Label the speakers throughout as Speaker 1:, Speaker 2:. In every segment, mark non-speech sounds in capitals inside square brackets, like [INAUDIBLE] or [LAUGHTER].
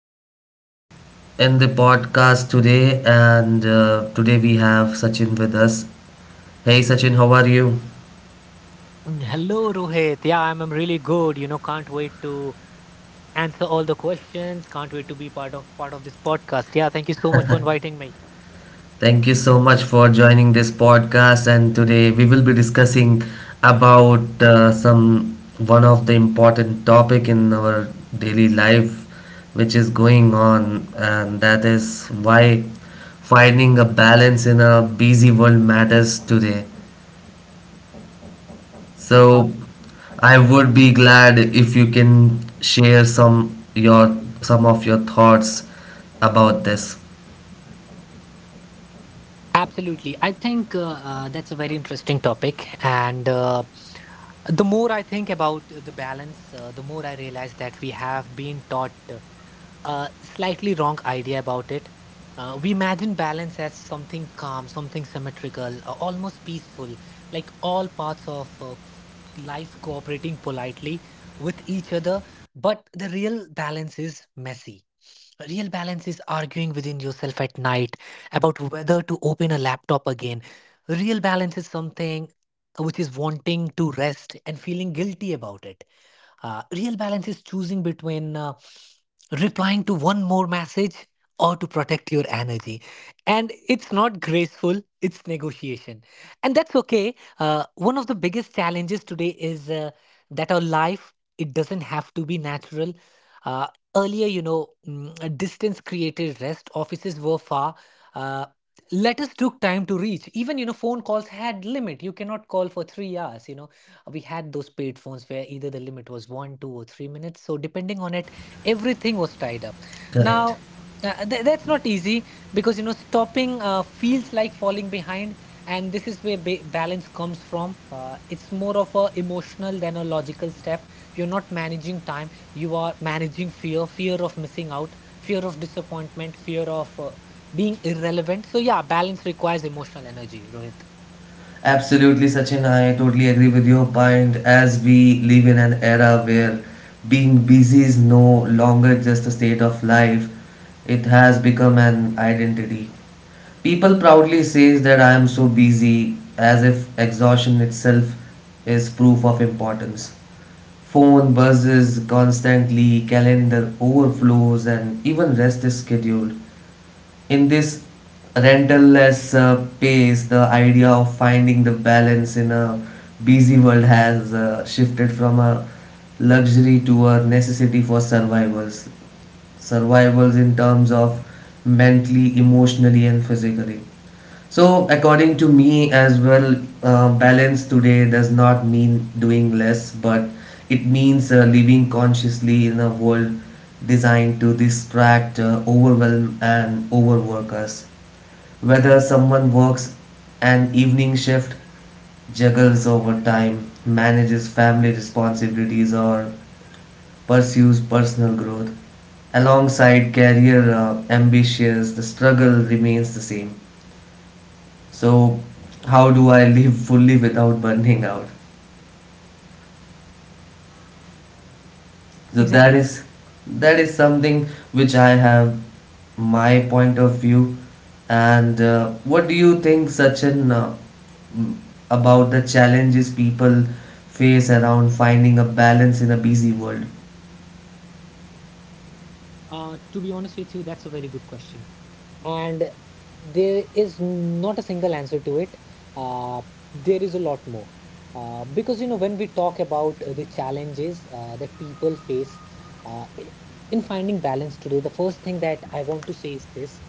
Speaker 1: everyone in the podcast today. And today we have Sachin with us. Hey Sachin, how are you?
Speaker 2: Hello, Rohit. Yeah, I'm really good. You know, can't wait to answer all the questions. Can't wait to be part of this podcast. Yeah, thank you so much for inviting
Speaker 1: Thank you so much for joining this podcast. And today we will be discussing about some one of the important topic in our daily life, which is going on, and that is why finding a balance in a busy world matters today. So
Speaker 2: me.
Speaker 1: I would be glad if you can share some of your thoughts about this.
Speaker 2: Absolutely. I think that's a very interesting topic. And The more I think about the balance, the more I realize that we have been taught a slightly wrong idea about it. We imagine balance as something calm, something symmetrical, almost peaceful, like all parts of life cooperating politely with each other. But the real balance is messy. Real balance is arguing within yourself at night, about whether to open a laptop again. Real balance is something which is wanting to rest and feeling guilty about it. Real balance is choosing between replying to one more message or to protect your energy. And it's not graceful, it's negotiation. And that's okay. One of the biggest challenges today is that our life, it doesn't have to be natural. Uh, Earlier, you know, a distance created rest, offices were far. Uh, Letters took time to reach, even you know phone calls had limit. You cannot call for 3 hours, you know, we had those paid phones where either the limit was one, two, or three minutes. So depending on it, everything was tied up.
Speaker 1: Correct.
Speaker 2: Now, that's not easy because you know stopping feels like falling behind, and this is where balance comes from. It's more of a emotional than a logical step. You're not managing time; you are managing fear, fear of missing out, fear of disappointment, fear of being irrelevant. So yeah, balance requires emotional energy, Rohit.
Speaker 1: Absolutely, Sachin. I totally agree with your point. As we live in an era where being busy is no longer just a state of life, it has become an identity. People proudly says that I am so busy as if exhaustion itself is proof of importance. Phone buzzes constantly, calendar overflows, and even rest is scheduled in this rental-less pace, the idea of finding the balance in a busy world has shifted from a luxury to a necessity for survivors. Survivors in terms of mentally, emotionally, and physically. So, according to me as well, balance today does not mean doing less, but it means living consciously in a world designed to distract, overwhelm, and overwork us. Whether someone works an evening shift, juggles overtime, manages family responsibilities, or pursues personal growth, alongside career ambitions, the struggle remains the same. So how do I live fully without burning out? So that
Speaker 2: Exactly.
Speaker 1: is that is something which I have my point of view. And what do you think, Sachin, m- about the challenges people face around finding a balance in a busy world?
Speaker 2: To be honest with you, that's a very good question. And there is not a single answer to it. Uh, there is a lot more. Because, you know, when we talk about the challenges that people face, uh, i- in finding balance today, the first thing that I want to say is this.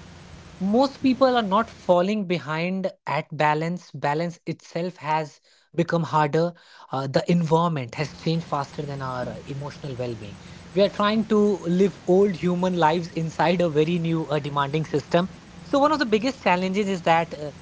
Speaker 2: Most people are not falling behind at balance. Balance itself has become harder. The environment has changed faster than our emotional well-being. We are trying to live old human lives inside a very new demanding system. So one of the biggest challenges is that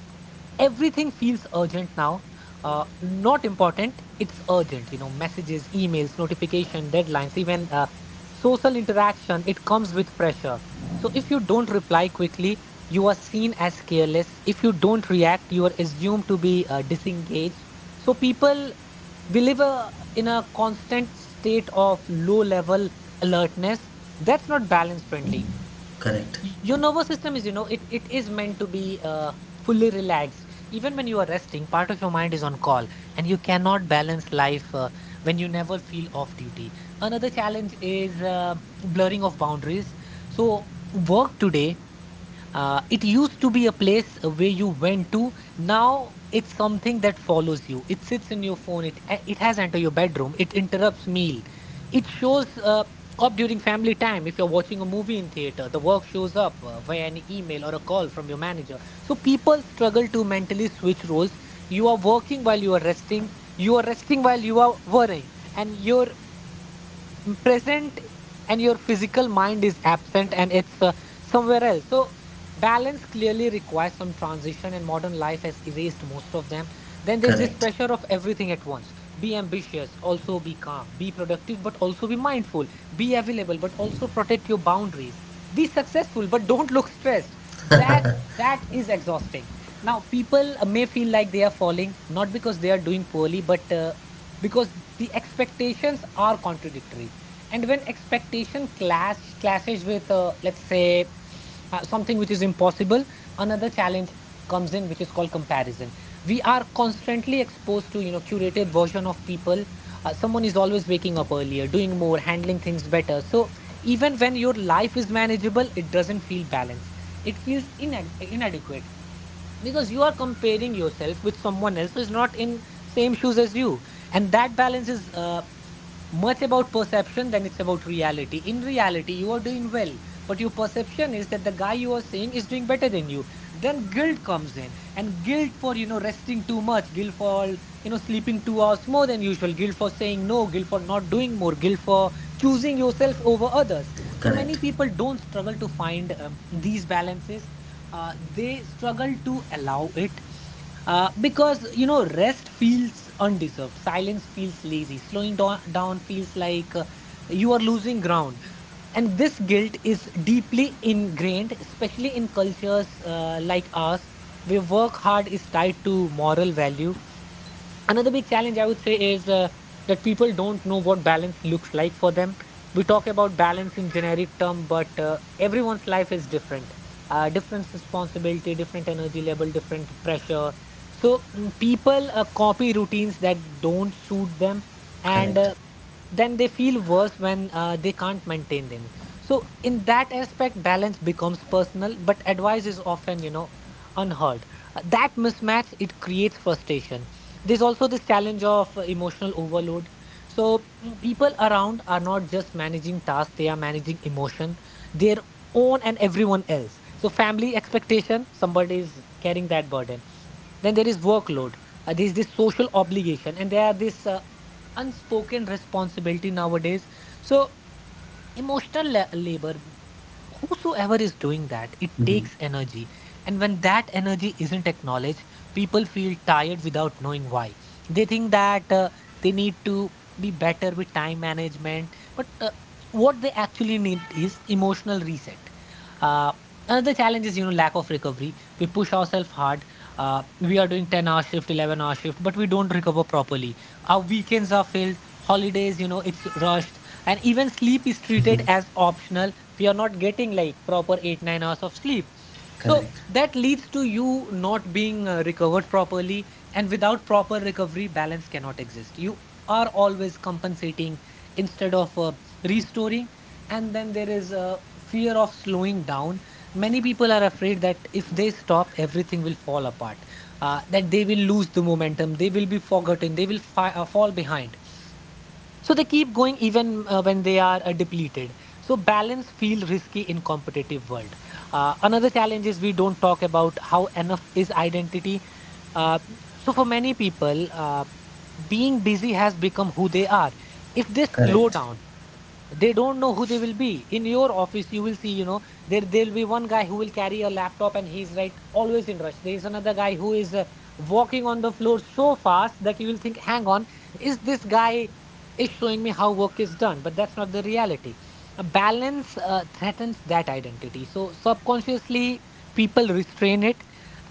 Speaker 2: everything feels urgent now, not important. It's urgent. You know, messages, emails, notification, deadlines, even social interaction, it comes with pressure. So if you don't reply quickly, you are seen as careless. If you don't react, you are assumed to be disengaged. So people, we live a, in a constant state of low level alertness. That's not balance friendly.
Speaker 1: Correct.
Speaker 2: Your nervous system is, you know, it is meant to be uh, fully relaxed. Even when you are resting, part of your mind is on call, and you cannot balance life when you never feel off duty. Another challenge is blurring of boundaries. So work today, it used to be a place where you went to. Now it's something that follows you. It sits in your phone. It has entered your bedroom. It interrupts meal. It shows up during family time. If you're watching a movie in theater, the work shows up via an email or a call from your manager. So people struggle to mentally switch roles. You are working while you are resting. You are resting while you are worrying, and your present and your physical mind is absent and it's somewhere else. So balance clearly requires some transition, and modern life has erased most of them. Then there's this
Speaker 1: Correct.
Speaker 2: pressure of everything at once. Be ambitious, also be calm. Be productive, but also be mindful. Be available, but also protect your boundaries. Be successful, but don't look stressed. that that is exhausting. Now people may feel like they are falling, not because they are doing poorly, but because the expectations are contradictory. And when expectation clashes with, let's say, something which is impossible, another challenge comes in, which is called comparison. We are constantly exposed to, you know, curated version of people. Someone is always waking up earlier, doing more, handling things better. So even when your life is manageable, it doesn't feel balanced. It feels inadequate, because you are comparing yourself with someone else who is not in same shoes as you. And that balance is much about perception than it's about reality. In reality, you are doing well, but your perception is that the guy you are seeing is doing better than you. Then guilt comes in, and guilt for you know resting too much, guilt for you know sleeping 2 hours more than usual, guilt for saying no, guilt for not doing more, guilt for choosing yourself over others. So many
Speaker 1: Correct.
Speaker 2: people don't struggle to find these balances. They struggle to allow it, because you know rest feels undeserved, silence feels lazy, slowing down feels like you are losing ground. And this guilt is deeply ingrained, especially in cultures like ours, where work hard is tied to moral value. Another big challenge I would say is that people don't know what balance looks like for them. We talk about balance in generic term, but everyone's life is different. Different responsibility, different energy level, different pressure. So people copy routines that don't suit them, and
Speaker 1: Correct.
Speaker 2: then they feel worse when they can't maintain them. So in that aspect balance becomes personal, but advice is often, you know, unheard. That mismatch, it creates frustration. There's also this challenge of emotional overload. So people around are not just managing tasks, they are managing emotion, their own and everyone else. So family expectation, somebody is carrying that burden. Then there is workload, there is this social obligation, and there are this unspoken responsibility nowadays. So emotional labor, whosoever is doing that, it
Speaker 1: Hmm.
Speaker 2: takes energy. And when that energy isn't acknowledged, people feel tired without knowing why. They think that they need to be better with time management. But what they actually need is emotional reset. Uh, Another challenge is you know lack of recovery. We push ourselves hard. We are doing 10-hour shift, 11-hour shift, but we don't recover properly. Our weekends are filled, holidays, you know, it's rushed, and even sleep is treated as optional. We are not getting like proper 8 9 hours of sleep. So
Speaker 1: Correct.
Speaker 2: that leads to you not being recovered properly, and without proper recovery balance cannot exist. You are always compensating instead of restoring. And then there is a fear of slowing down. Many people are afraid that if they stop, everything will fall apart, that they will lose the momentum, they will be forgotten, they will fall behind. So they keep going even when they are depleted. So balance feel risky in competitive world. Another challenge is we don't talk about how enough is identity. Uh, so for many people, being busy has become who they are. If they slow
Speaker 1: Correct.
Speaker 2: down, they don't know who they will be. In your office you will see, you know, there'll be one guy who will carry a laptop and he's right always in rush. There is another guy who is walking on the floor so fast that you will think, hang on, is this guy is showing me how work is done? But that's not the reality. A balance threatens that identity, so subconsciously people restrain it.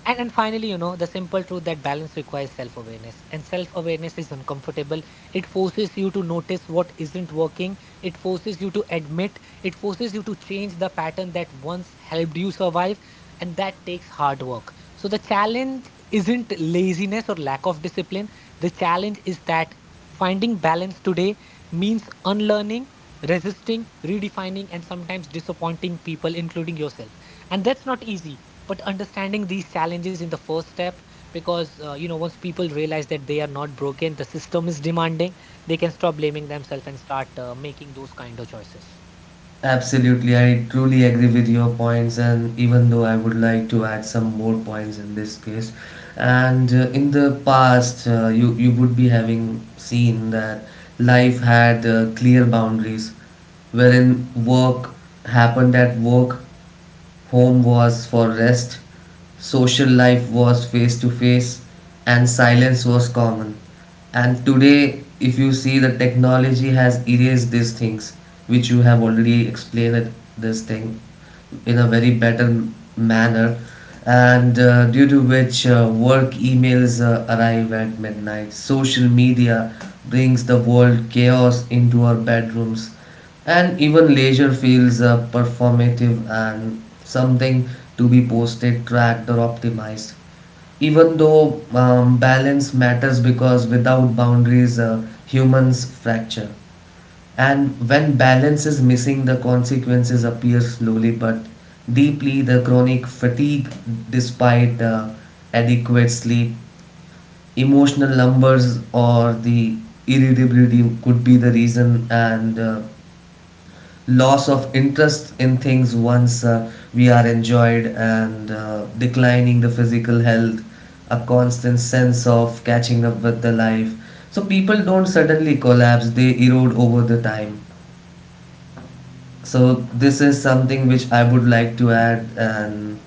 Speaker 2: And finally, you know, the simple truth that balance requires self-awareness, and self-awareness is uncomfortable. It forces you to notice what isn't working, it forces you to admit, it forces you to change the pattern that once helped you survive. And that takes hard work. So the challenge isn't laziness or lack of discipline. The challenge is that finding balance today means unlearning, resisting, redefining, and sometimes disappointing people, including yourself. And that's not easy. But understanding these challenges in the first step, because you know, once people realize that they are not broken, the system is demanding, they can stop blaming themselves and start making those kind of choices.
Speaker 1: Absolutely, I truly agree with your points, and even though I would like to add some more points in this case, and in the past, you would be having seen that life had clear boundaries, wherein work happened at work, home was for rest, social life was face to face, and silence was common. And today, if you see, the technology has erased these things, which you have already explained it, this thing in a very better manner and due to which work emails arrive at midnight, social media brings the world chaos into our bedrooms, and even leisure feels performative and something to be posted, tracked, or optimized. Even though balance matters because without boundaries humans fracture, and when balance is missing, the consequences appear slowly but deeply. The chronic fatigue, despite adequate sleep, emotional numbers, or the irritability could be the reason, and loss of interest in things once we are enjoyed, and declining the physical health, a constant sense of catching up with the life. So people don't suddenly collapse, they erode over the time. So this is something which I would like to add, and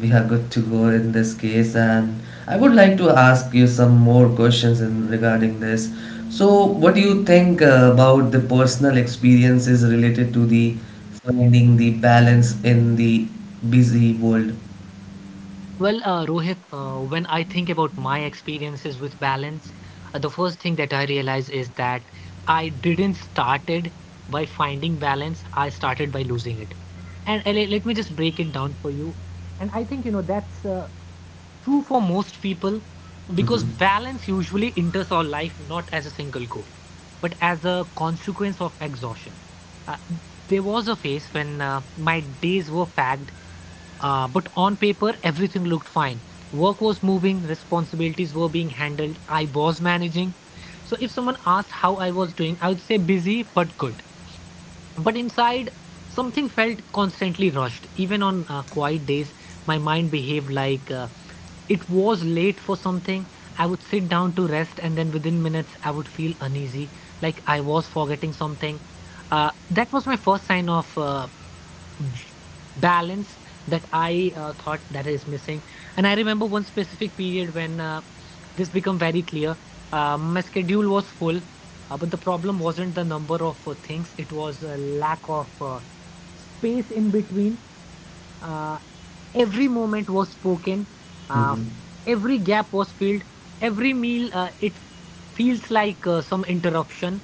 Speaker 1: we are good to go in this case. And I would like to ask you some more questions in regarding this. So, what do you think about the personal experiences related to the finding the balance in the busy world?
Speaker 2: Well, Rohit, when I think about my experiences with balance, the first thing that I realize is that I didn't started by finding balance. I started by losing it. And let me just break it down for you. And I think, you know, that's true for most people,
Speaker 1: Mm-hmm.
Speaker 2: because balance usually enters our life not as a single goal, but as a consequence of exhaustion. Uh, there was a phase when my days were packed, but on paper, everything looked fine. Work was moving, responsibilities were being handled, I was managing. So if someone asked how I was doing, I would say busy but good. But inside, something felt constantly rushed. Even on quiet days, my mind behaved like it was late for something. I would sit down to rest, and then within minutes, I would feel uneasy, like I was forgetting something. That was my first sign of balance that I thought that is missing. And I remember one specific period when this became very clear. My schedule was full, but the problem wasn't the number of things; it was a lack of space in between. Uh, every moment was spoken. Uh,
Speaker 1: Mm-hmm.
Speaker 2: every gap was filled. Every meal, it feels like some interruption.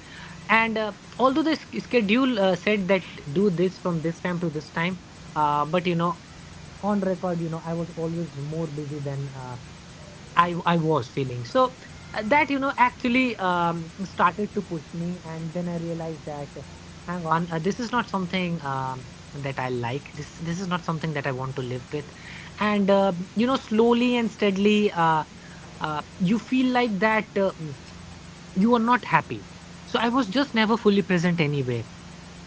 Speaker 2: And although the schedule said that do this from this time to this time, but you know on record you know I was always more busy than I was feeling so that you know actually started to push me. And then I realized that hang on, this is not something that I like. This is not something that I want to live with. And you know, slowly and steadily, you feel like that you are not happy. So I was just never fully present anywhere.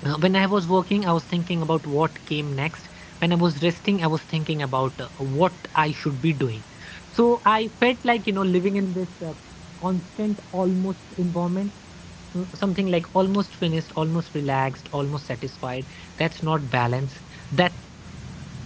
Speaker 2: When I was working, I was thinking about what came next. When I was resting, I was thinking about what I should be doing. So I felt like, you know, living in this constant, almost environment. Mm, something like almost finished, almost relaxed, almost satisfied. That's not balance. That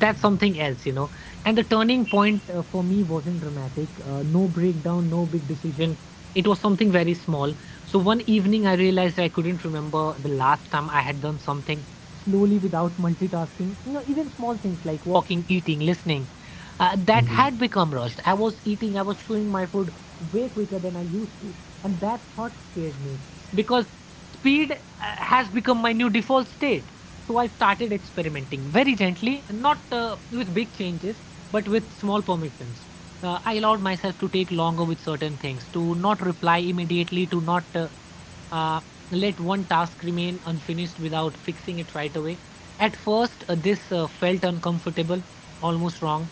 Speaker 2: that's something else, you know. And the turning point for me wasn't dramatic. No breakdown, no big decision. It was something very small. So one evening, I realized I couldn't remember the last time I had done something slowly without multitasking. You know, even small things like walking, eating, listening, that
Speaker 1: Mm-hmm.
Speaker 2: had become rushed. I was eating, I was chewing my food way quicker than I used to, and that thought scared me because speed has become my new default state. So I started experimenting very gently, and not with big changes, but with small permissions. I allowed myself to take longer with certain things, to not reply immediately, to not uh, let one task remain unfinished without fixing it right away. At first, this felt uncomfortable, almost wrong.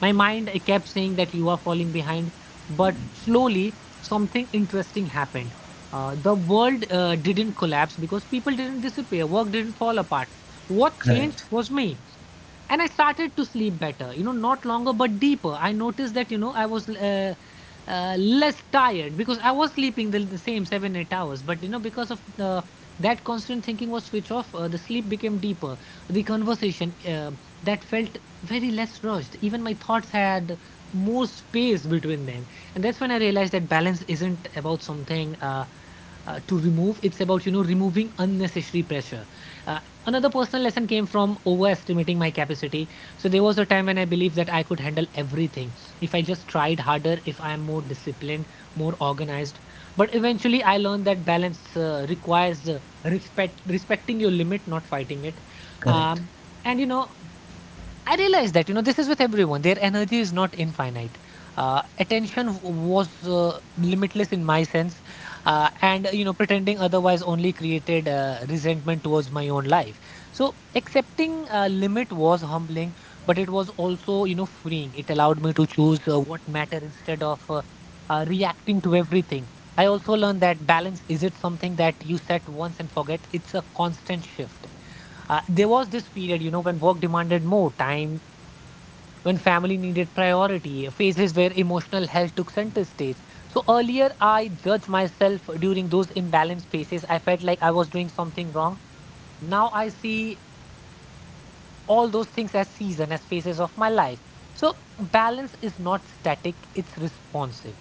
Speaker 2: My mind, I kept saying that you are falling behind, but slowly something interesting happened. The world didn't collapse because people didn't disappear, work didn't fall apart. What
Speaker 1: Correct.
Speaker 2: changed was me, and I started to sleep better. You know, not longer but deeper. I noticed that, you know, I was less tired because I was sleeping the same 7 8 hours, but you know, because of the that constant thinking was switch off, the sleep became deeper. The conversation that felt very less rushed. Even my thoughts had more space between them. And that's when I realized that balance isn't about something to remove. It's about, you know, removing unnecessary pressure. Uh, another personal lesson came from overestimating my capacity. So there was a time when I believed that I could handle everything if I just tried harder, if I am more disciplined, more organized. But eventually, I learned that balance requires respect, respecting your limit, not fighting it.
Speaker 1: Correct.
Speaker 2: Um, and you know, I realized that you know this is with everyone. Their energy is not infinite. Attention was limitless in my sense, and you know pretending otherwise only created resentment towards my own life. So accepting limit was humbling, but it was also, you know, freeing. It allowed me to choose what matter instead of reacting to everything. I also learned that balance is it something that you set once and forget. It's a constant shift. There was this period, you know, when work demanded more time, when family needed priority, phases where emotional health took center stage. So earlier, I judged myself during those imbalanced phases. I felt like I was doing something wrong. Now I see all those things as season, as phases of my life. So balance is not static, it's responsive.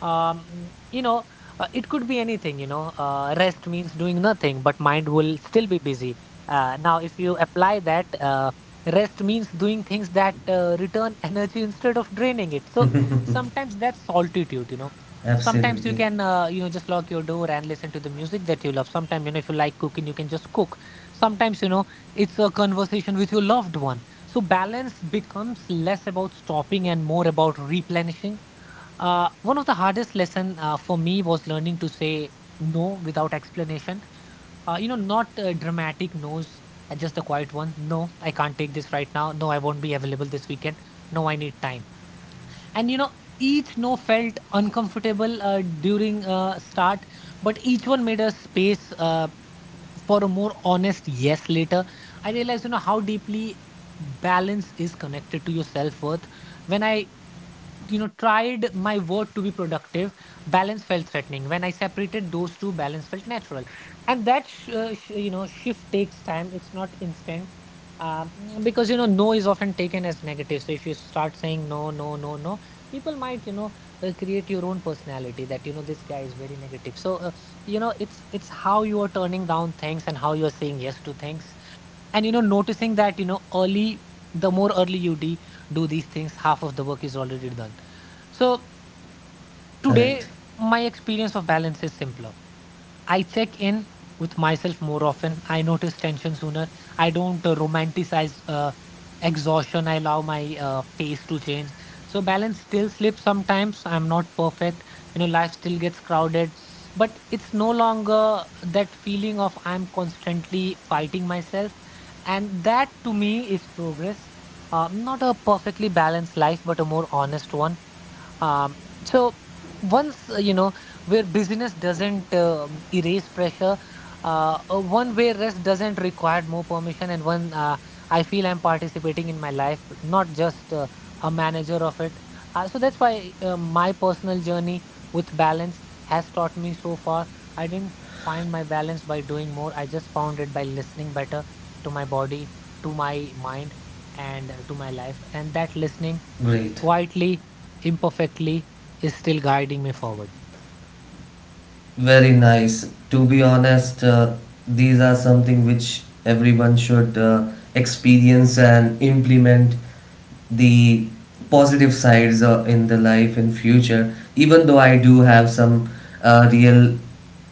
Speaker 2: You know, it could be anything, you know. Rest means doing nothing, but mind will still be busy. Now, if you apply that, rest means doing things that return [LAUGHS] energy instead of draining it. So sometimes that's solitude, you know. Sometimes you
Speaker 1: Absolutely.
Speaker 2: can, you know, just lock your door and listen to the music that you love. Sometimes, you know, if you like cooking, you can just cook. Sometimes, you know, it's a conversation with your loved one. So balance becomes less about stopping and more about replenishing. One of the hardest lesson for me was learning to say no without explanation. You know, not dramatic no's, just the quiet ones. No, I can't take this right now. No, I won't be available this weekend. No, I need time. And you know, each no felt uncomfortable during start, but each one made a space for a more honest yes later. I realized, you know, how deeply balance is connected to your self worth. When I, you know, tried my word to be productive, balance felt threatening. When I separated those two, balance felt natural. And that you know, shift takes time. It's not instant. um, because you know, no is often taken as negative. So if you start saying no, no, no, no, people might, you know, create your own personality that, you know, this guy is very negative. So you know, it's how you are turning down things and how you're saying yes to things. And you know, noticing that, you know, early, the more early you do these things, half of the work is already done. So
Speaker 1: Correct.
Speaker 2: today my experience of balance is simpler. I check in with myself more often. I notice tension sooner. I don't romanticize exhaustion. I allow my pace to change. So balance still slips sometimes. I'm not perfect. You know, life still gets crowded, but it's no longer that feeling of I'm constantly fighting myself, and that to me is progress. Not a perfectly balanced life, but a more honest one. Um, so once uh, you know, where busyness doesn't erase pressure, one where rest doesn't require more permission, and one, I feel I'm participating in my life, not just a manager of it. So that's why my personal journey with balance has taught me so far. I didn't find my balance by doing more. I just found it by listening better to my body, to my mind, and to my life. And that listening
Speaker 1: Great.
Speaker 2: quietly, imperfectly, is still guiding me forward.
Speaker 1: Very nice. To be honest, these are something which everyone should experience and implement the positive sides in the life in future. Even though I do have some real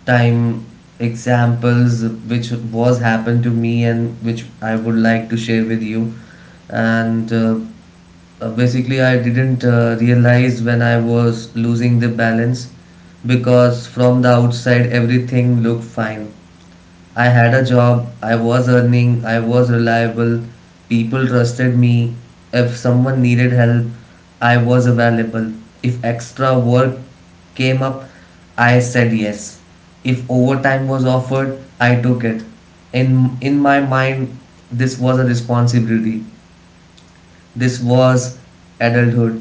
Speaker 1: time examples which was happened to me and which I would like to share with you. And basically, I didn't realize when I was losing the balance because from the outside everything looked fine. I had a job, I was earning, I was reliable, people trusted me. If someone needed help, I was available. If extra work came up, I said yes. If overtime was offered, I took it. In my mind, this was a responsibility, this was adulthood,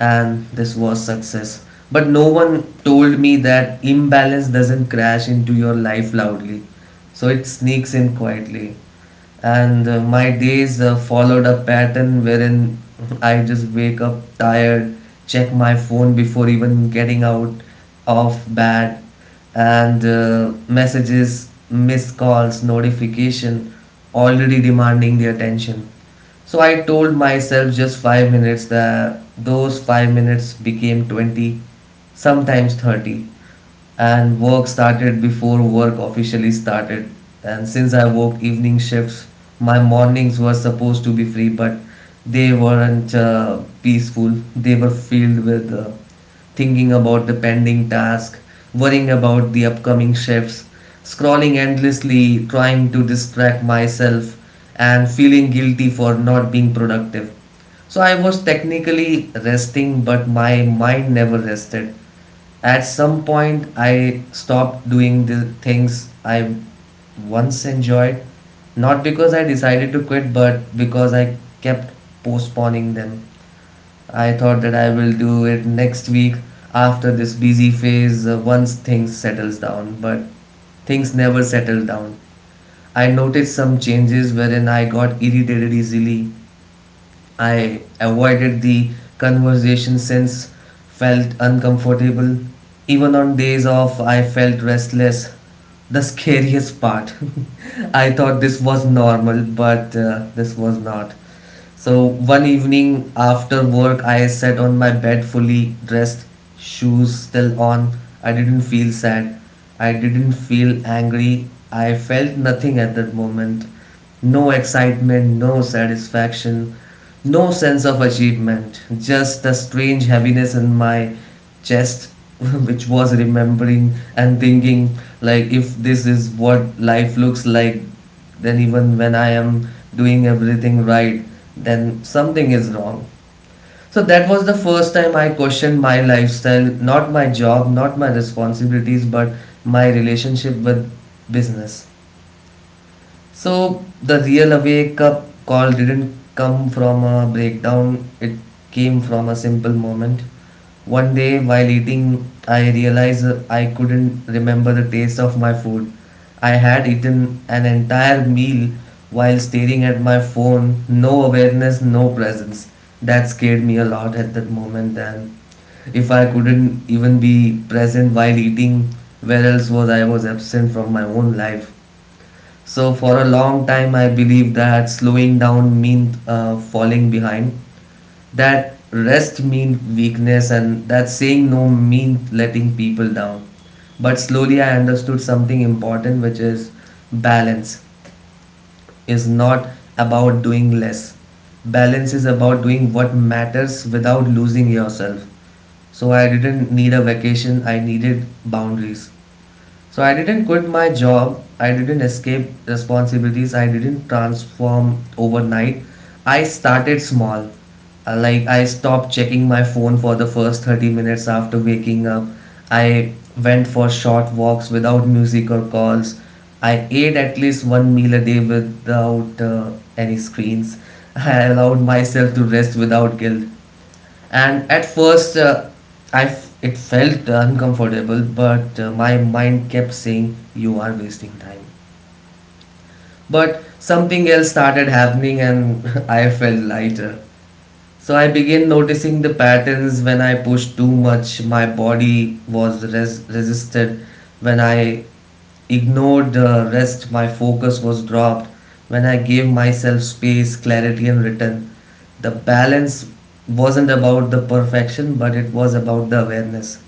Speaker 1: and this was success. But no one told me that imbalance doesn't crash into your life loudly, so it sneaks in quietly, and my days followed a pattern wherein I just wake up tired, check my phone before even getting out of bed, and messages, missed calls, notification already demanding the attention. So I told myself just 5 minutes. That those 5 minutes became 20, sometimes 30, and work started before work officially started. And since I worked evening shifts, my mornings were supposed to be free, but they weren't peaceful. They were filled with thinking about the pending task, worrying about the upcoming shifts, scrolling endlessly, trying to distract myself, and feeling guilty for not being productive. So I was technically resting, but my mind never rested. At some point, I stopped doing the things I once enjoyed, not because I decided to quit, but because I kept postponing them. I thought that I will do it next week after this busy phase, once things settles down, but things never settled down. I noticed some changes wherein I got irritated easily, I avoided the conversation since felt uncomfortable. Even on days off, I felt restless. The scariest part. [LAUGHS] I thought this was normal, but this was not. So one evening after work, I sat on my bed fully dressed, shoes still on. I didn't feel sad. I didn't feel angry. I felt nothing at that moment. No excitement, no satisfaction, no sense of achievement. Just a strange heaviness in my chest, [LAUGHS] which was remembering and thinking, like, if this is what life looks like, then even when I am doing everything right, then something is wrong. So that was the first time I questioned my lifestyle, not my job, not my responsibilities, but my relationship with business. So the real wake up call didn't come from a breakdown, it came from a simple moment. One day while eating, I realized I couldn't remember the taste of my food. I had eaten an entire meal while staring at my phone, no awareness, no presence. That scared me a lot at that moment, and if I couldn't even be present while eating, where else was I was absent from my own life. So for a long time, I believed that slowing down meant falling behind. That rest meant weakness, and that saying no meant letting people down. But slowly, I understood something important, which is balance is not about doing less. Balance is about doing what matters without losing yourself. So I didn't need a vacation. I needed boundaries. So I didn't quit my job, I didn't escape responsibilities, I didn't transform overnight. I started small. Like I stopped checking my phone for the first 30 minutes after waking up. I went for short walks without music or calls. I ate at least one meal a day without any screens. [LAUGHS] I allowed myself to rest without guilt, and at first it felt uncomfortable, but my mind kept saying you are wasting time, but something else started happening and [LAUGHS] I felt lighter. So I began noticing the patterns. When I pushed too much, my body was resisted. When I ignored the rest, my focus was dropped. When I gave myself space, clarity, and return, the balance wasn't about the perfection, but it was about the awareness.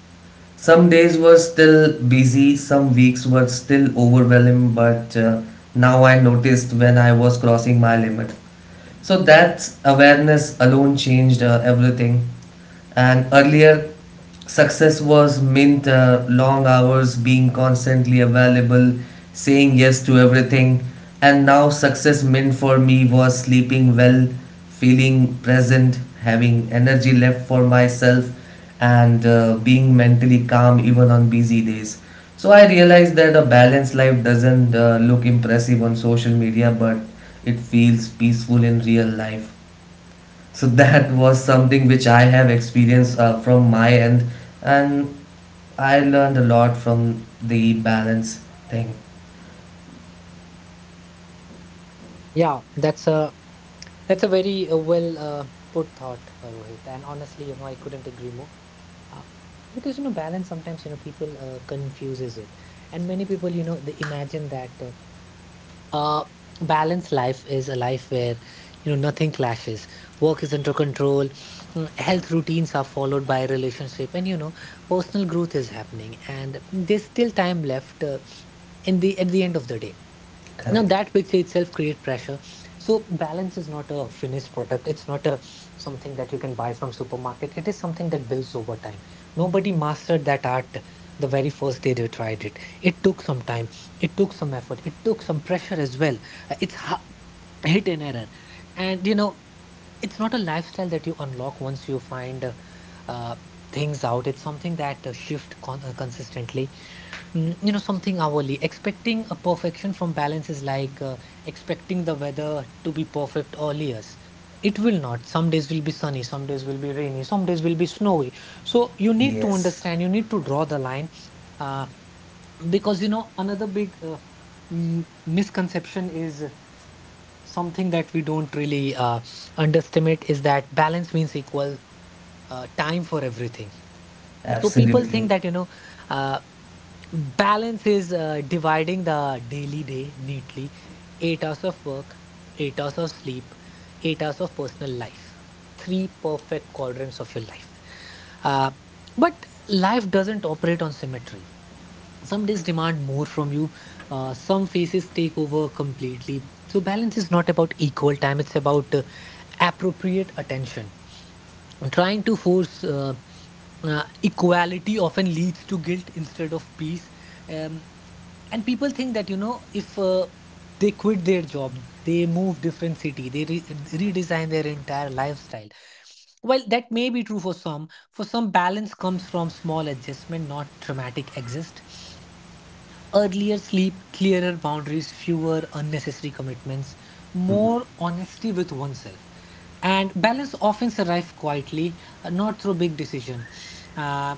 Speaker 1: Some days were still busy, some weeks were still overwhelming, but now I noticed when I was crossing my limit. So that awareness alone changed everything. And earlier success was meant long hours, being constantly available, saying yes to everything, and now success meant for me was sleeping well, feeling present, having energy left for myself, and being mentally calm even on busy days. So I realized that a balanced life doesn't look impressive on social media, but it feels peaceful in real life. So that was something which I have experienced from my end, and I learned a lot from the balance thing.
Speaker 2: Yeah, that's a very well put thought, Rohit. And honestly, you know, I couldn't agree more. Uh, because you know, balance sometimes, you know, people confuses it, and many people, you know, they imagine that a balanced life is a life where you know nothing clashes, work is under control, mm, health routines are followed by relationship, and you know, personal growth is happening, and there's still time left in the at the end of the day. Now
Speaker 1: Correct.
Speaker 2: that picture itself create pressure. So balance is not a finished product. It's not a something that you can buy from supermarket. It is something that builds over time. Nobody mastered that art the very first day they tried it. It took some time. It took some effort. It took some pressure as well. It's hit and error, and you know it's not a lifestyle that you unlock once you find uh, things out. It's something that shift consistently. Mm, you know, something hourly. Expecting a perfection from balance is like expecting the weather to be perfect all years. It will not. Some days will be sunny, some days will be rainy, some days will be snowy. So you need to
Speaker 1: Yes.
Speaker 2: understand, you need to draw the line. Uh, because, you know, another big misconception is something that we don't really underestimate is that balance means equal time for everything. So people
Speaker 1: Absolutely.
Speaker 2: think that, you know, uh, Balance is dividing the daily day neatly. 8 hours of work, 8 hours of sleep, 8 hours of personal life. Three perfect quadrants of your life. Uh, but life doesn't operate on symmetry. Some days demand more from you, some phases take over completely. So, balance is not about equal time, it's about appropriate attention. Trying to force equality often leads to guilt instead of peace. Um, and people think that you know if they quit their job, they move different city, they redesign their entire lifestyle. Well, that may be true for some. For some, balance comes from small adjustment, not dramatic exist: earlier sleep, clearer boundaries, fewer unnecessary commitments,
Speaker 1: Mm-hmm.
Speaker 2: more honesty with oneself. And balance often arrives quietly, not through big decision, uh,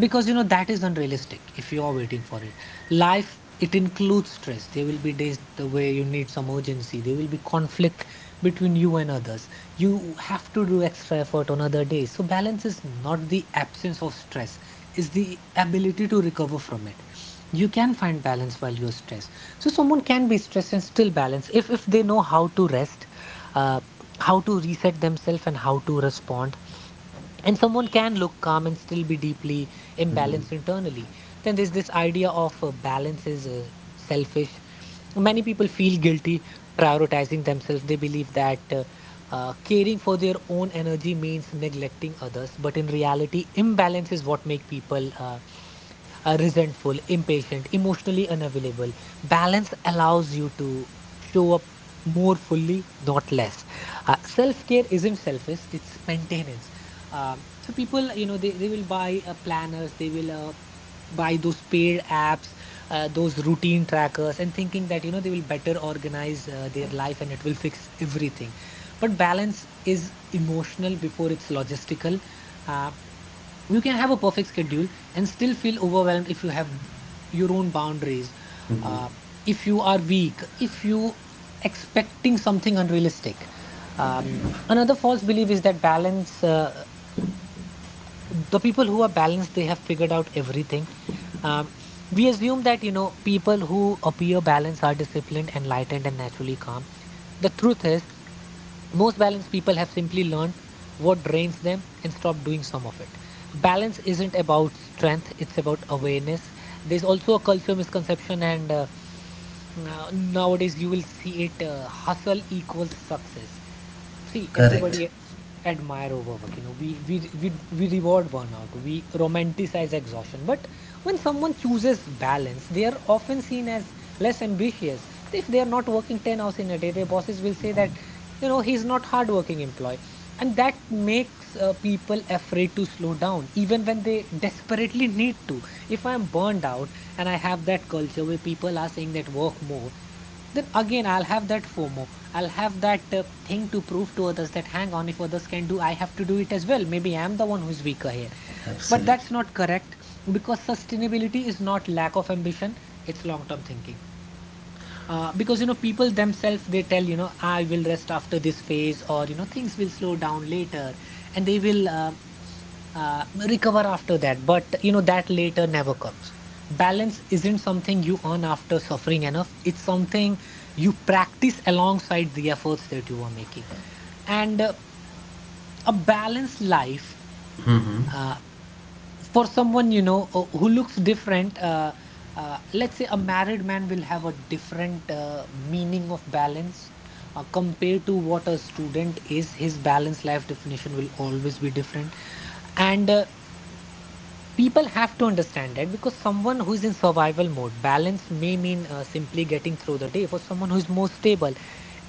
Speaker 2: because you know that is unrealistic if you are waiting for it. Life, it includes stress. There will be days the way you need some urgency. There will be conflict between you and others. You have to do extra effort on other days. So balance is not the absence of stress; is the ability to recover from it. You can find balance while you're stressed. So someone can be stressed and still balance if they know how to rest, uh, how to reset themselves and how to respond. And someone can look calm and still be deeply
Speaker 1: Mm-hmm.
Speaker 2: imbalanced internally. Then there's this idea of balance is selfish. Many people feel guilty prioritizing themselves. They believe that caring for their own energy means neglecting others, but in reality imbalance is what make people resentful, impatient, emotionally unavailable. Balance allows you to show up more fully, not less. Self-care isn't selfish, it's maintenance. So people, you know, they will buy planners, they will buy those paid apps, those routine trackers, and thinking that, you know, they will better organize their life and it will fix everything. But balance is emotional before it's logistical. Uh, you can have a perfect schedule and still feel overwhelmed if you have your own boundaries.
Speaker 1: Mm-hmm.
Speaker 2: Uh, if you are weak, if you expecting something unrealistic. Um, Another false belief is that balance. The people who are balanced, they have figured out everything. um, we assume that you know people who appear balanced are disciplined, enlightened and naturally calm. The truth is, most balanced people have simply learned what drains them and stopped doing some of it. Balance isn't about strength, it's about awareness. There's also a culture misconception, and nowadays you will see it: hustle equals success. See,
Speaker 1: Correct.
Speaker 2: everybody admire overwork. You know, we reward burnout, we romanticize exhaustion, but when someone chooses balance they are often seen as less ambitious. If they are not working 10 hours in a day, their bosses will say that, you know, he's not hardworking employee. And that makes people afraid to slow down even when they desperately need to. If I'm burned out and I have that culture where people are saying that work more, then again, I'll have that FOMO. I'll have that thing to prove to others that hang on, if others can do, I have to do it as well. Maybe I'm the one who's weaker here. But
Speaker 1: Absolutely.
Speaker 2: that's not correct, because sustainability is not lack of ambition, it's long term thinking. Because you know people themselves, they tell, you know, I will rest after this phase, or you know things will slow down later and they will recover after that, but you know that later never comes. Balance isn't something you earn after suffering enough, it's something you practice alongside the efforts that you are making. And a balanced life,
Speaker 1: Mm-hmm.
Speaker 2: uh, for someone, you know, who looks different, let's say a married man will have a different meaning of balance compared to what a student is. His balanced life definition will always be different. And people have to understand that, because someone who is in survival mode, balance may mean simply getting through the day. For someone who is more stable,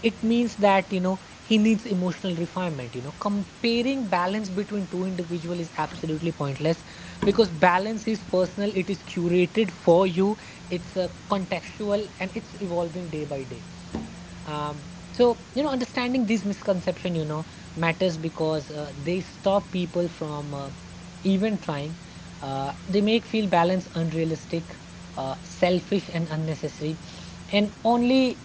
Speaker 2: it means that, you know, he needs emotional refinement. You know, comparing balance between two individuals is absolutely pointless, because balance is personal, it is curated for you. It's a contextual and it's evolving day by day. um so you know understanding these misconception, you know, matters because they stop people from even trying. They make feel balance unrealistic, selfish and unnecessary. And only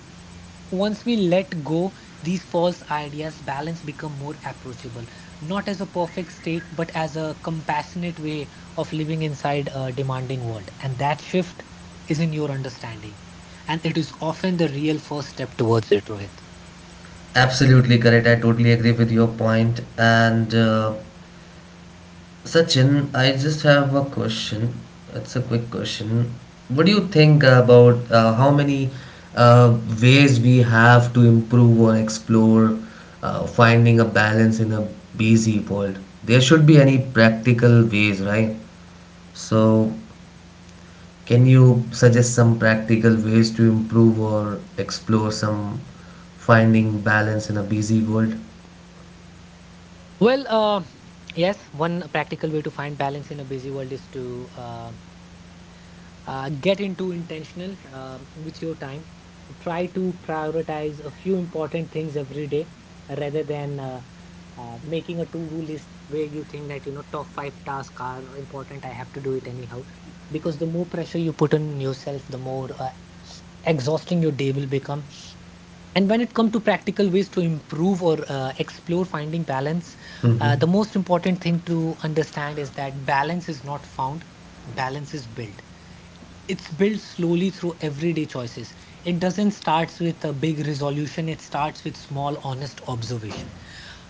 Speaker 2: once we let go, these false ideas balance become more approachable, not as a perfect state, but as a compassionate way of living inside a demanding world. And that shift is in your understanding. And it is often the real first step towards it, Rohit.
Speaker 1: Absolutely correct. I totally agree with your point, and Sachin, I just have a question. It's a quick question. What do you think about how many ways we have to improve or explore finding a balance in a busy world? There should be any practical ways, right? So, can you suggest some practical ways to improve or explore some finding balance in a busy world?
Speaker 2: Well, yes, one practical way to find balance in a busy world is to get into intentional with your time. Try to prioritize a few important things every day rather than making a to-do list where you think that, you know, top five tasks are important, I have to do it anyhow. Because the more pressure you put on yourself, the more exhausting your day will become. And when it comes to practical ways to improve or explore finding balance,
Speaker 1: Mm-hmm.
Speaker 2: the most important thing to understand is that balance is not found, balance is built. It's built slowly through everyday choices. It doesn't start with a big resolution, it starts with small, honest observation.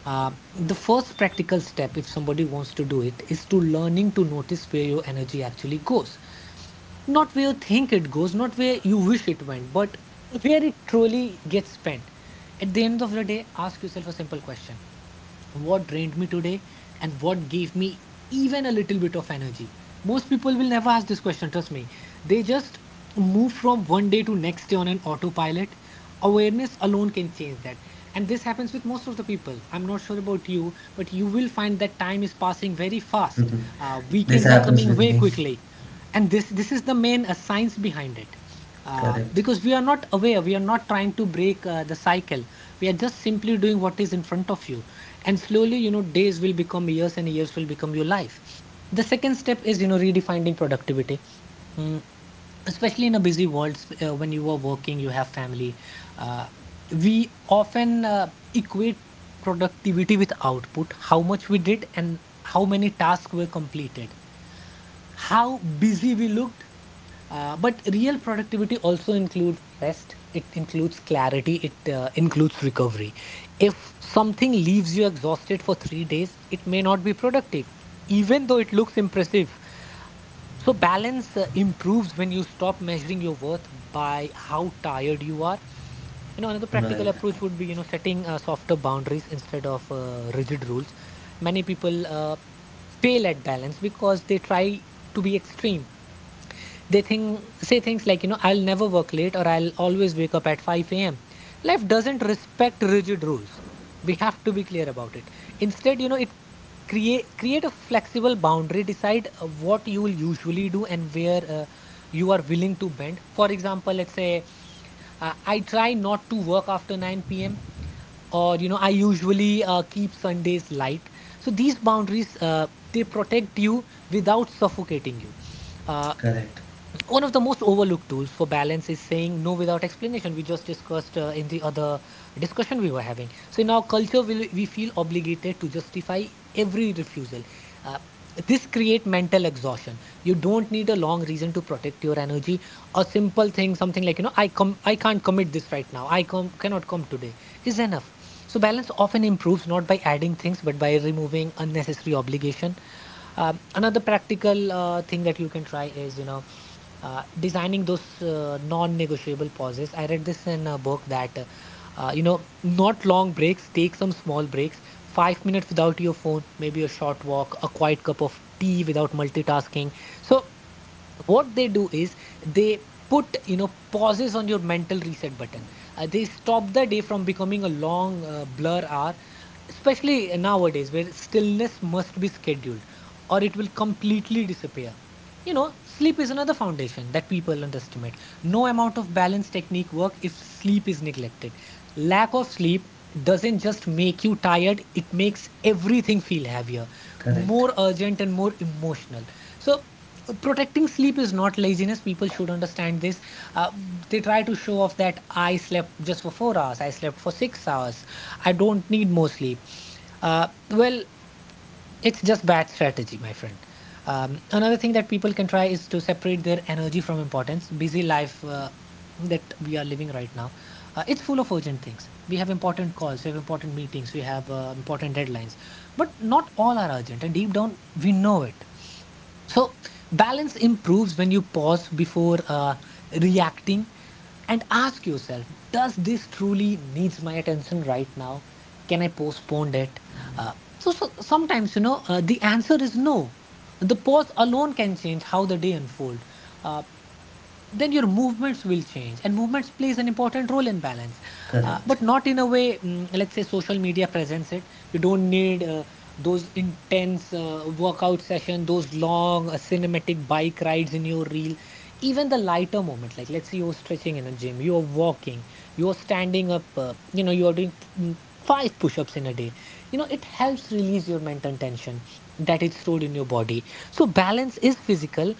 Speaker 2: The first practical step, if somebody wants to do it, is to learning to notice where your energy actually goes. Not where you think it goes, not where you wish it went, but where it truly gets spent. At the end of the day, ask yourself a simple question: what drained me today, and what gave me even a little bit of energy? Most people will never ask this question, trust me. They just move from one day to next day on an autopilot. Awareness alone can change that. And this happens with most of the people. I'm not sure about you, but you will find that time is passing very fast.
Speaker 1: [LAUGHS] This
Speaker 2: Weekends are
Speaker 1: happens
Speaker 2: coming
Speaker 1: with
Speaker 2: very
Speaker 1: me.
Speaker 2: quickly. And this is the main science behind it.
Speaker 1: Correct.
Speaker 2: Because we are not aware, we are not trying to break the cycle. We are just simply doing what is in front of you, and slowly, you know, days will become years and years will become your life. The second step is, you know, redefining productivity. Mm, especially in a busy world, when you are working, you have family. uh, we often equate productivity with output: how much we did and how many tasks were completed, how busy we looked. But real productivity also includes rest. It includes clarity. It includes recovery. If something leaves you exhausted for 3 days, it may not be productive, even though it looks impressive. So, balance improves when you stop measuring your worth by how tired you are. You know, another practical
Speaker 1: Right.
Speaker 2: approach would be, you know, setting softer boundaries instead of rigid rules. Many people fail at balance because they try to be extreme. They think say things like, you know, I'll never work late, or I'll always wake up at 5 a.m. Life doesn't respect rigid rules. We have to be clear about it. Instead, you know, it create a flexible boundary. Decide what you will usually do and where you are willing to bend. For example, let's say I try not to work after 9 p.m., or you know, I usually keep Sundays light. So these boundaries they protect you without suffocating you. Uh,
Speaker 1: Correct,
Speaker 2: One of the most overlooked tools for balance is saying no without explanation. We just discussed in the other discussion we were having. So in our culture, we feel obligated to justify every refusal. uh, this create mental exhaustion. You don't need a long reason to protect your energy. A simple thing, something like, you know, I can't commit this right now, cannot come today, is enough. So balance often improves not by adding things but by removing unnecessary obligation. Another practical thing that you can try is, you know, designing those non-negotiable pauses. I read this in a book that, you know, not long breaks, take some small breaks. 5 minutes without your phone, maybe a short walk, a quiet cup of tea without multitasking. So what they do is they put, you know, pauses on your mental reset button. They stop the day from becoming a long blur hour, especially nowadays where stillness must be scheduled or it will completely disappear. You know, sleep is another foundation that people underestimate. No amount of balance technique work if sleep is neglected. Lack of sleep doesn't just make you tired, it makes everything feel heavier,
Speaker 1: correct,
Speaker 2: more urgent and more emotional. So protecting sleep is not laziness, people should understand this. uh, they try to show off that I slept just for 4 hours, I slept for 6 hours, I don't need more sleep. Uh, well, it's just bad strategy, my friend. Another thing that people can try is to separate their energy from importance. Busy life that we are living right now, it's full of urgent things. We have important calls, we have important meetings, we have important deadlines, but not all are urgent, and deep down we know it. So balance improves when you pause before reacting and ask yourself, does this truly needs my attention right now? Can I postpone it? uh, so sometimes, you know, the answer is no. The pause alone can change how the day unfolds. Then your movements will change, and movements plays an important role in balance.
Speaker 1: correct.
Speaker 2: But
Speaker 1: [LAUGHS]
Speaker 2: not in a way, mm, let's say social media presents it. You don't need those intense workout session, those long cinematic bike rides in your reel. Even the lighter moment, like let's say you're stretching in a gym, you're walking, you're standing up, you know, you're doing five push-ups in a day. You know, it helps release your mental tension that is stored in your body. So balance is physical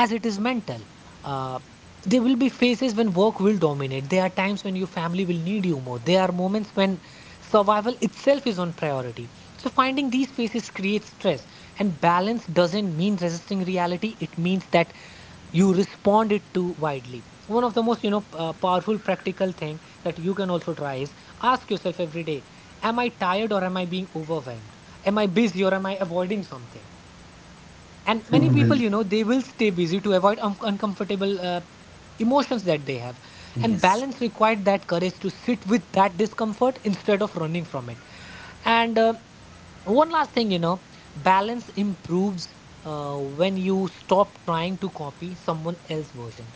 Speaker 2: as it is mental. Uh, there will be phases when work will dominate. There are times when your family will need you more. There are moments when survival itself is on priority. So, finding these phases creates stress. And balance doesn't mean resisting reality, it means that you respond it to widely. One of the most, you know, powerful practical thing that you can also try is, ask yourself every day: Am I tired or am I being overwhelmed? Am I busy or am I avoiding something? And many people,
Speaker 1: Well,
Speaker 2: you know, they will stay busy to avoid uncomfortable emotions that they have. And
Speaker 1: yes,
Speaker 2: balance required that courage to sit with that discomfort instead of running from it. And one last thing, you know, balance improves when you stop trying to copy someone else's version.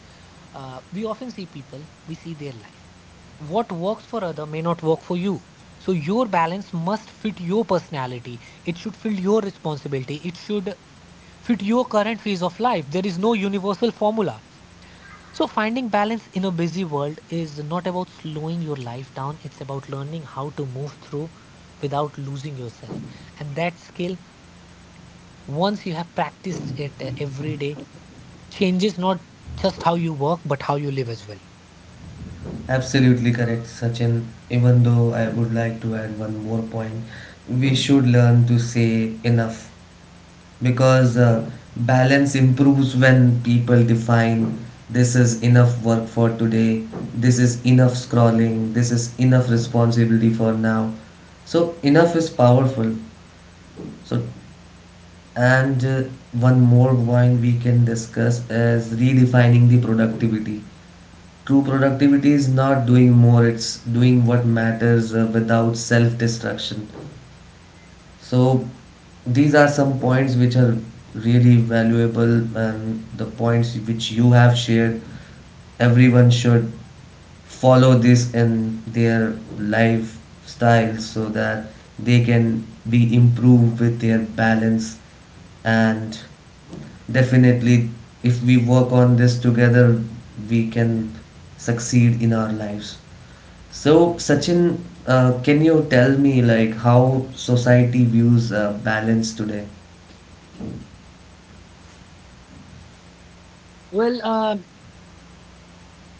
Speaker 2: We often see people, we see their life. What works for other may not work for you. So your balance must fit your personality, it should fit your responsibility, it should fit your current phase of life. There is no universal formula. So, finding balance in a busy world is not about slowing your life down, it's about learning how to move through without losing yourself. And that skill, once you have practiced it every day, changes not just how you work, but how you live as well.
Speaker 1: absolutely correct, Sachin. Even though I would like to add one more point, we should learn to say enough because balance improves when people define this is enough work for today, this is enough scrolling, this is enough responsibility for now. So, enough is powerful. So. And one more point we can discuss is redefining the productivity. True productivity is not doing more, it's doing what matters without self destruction. So, these are some points which are really valuable, and the points which you have shared. Everyone should follow this in their lifestyle so that they can be improved with their balance and definitely, if we work on this together, we can succeed in our lives. So, Sachin, can you tell me like how society views balance today?
Speaker 2: Well, uh,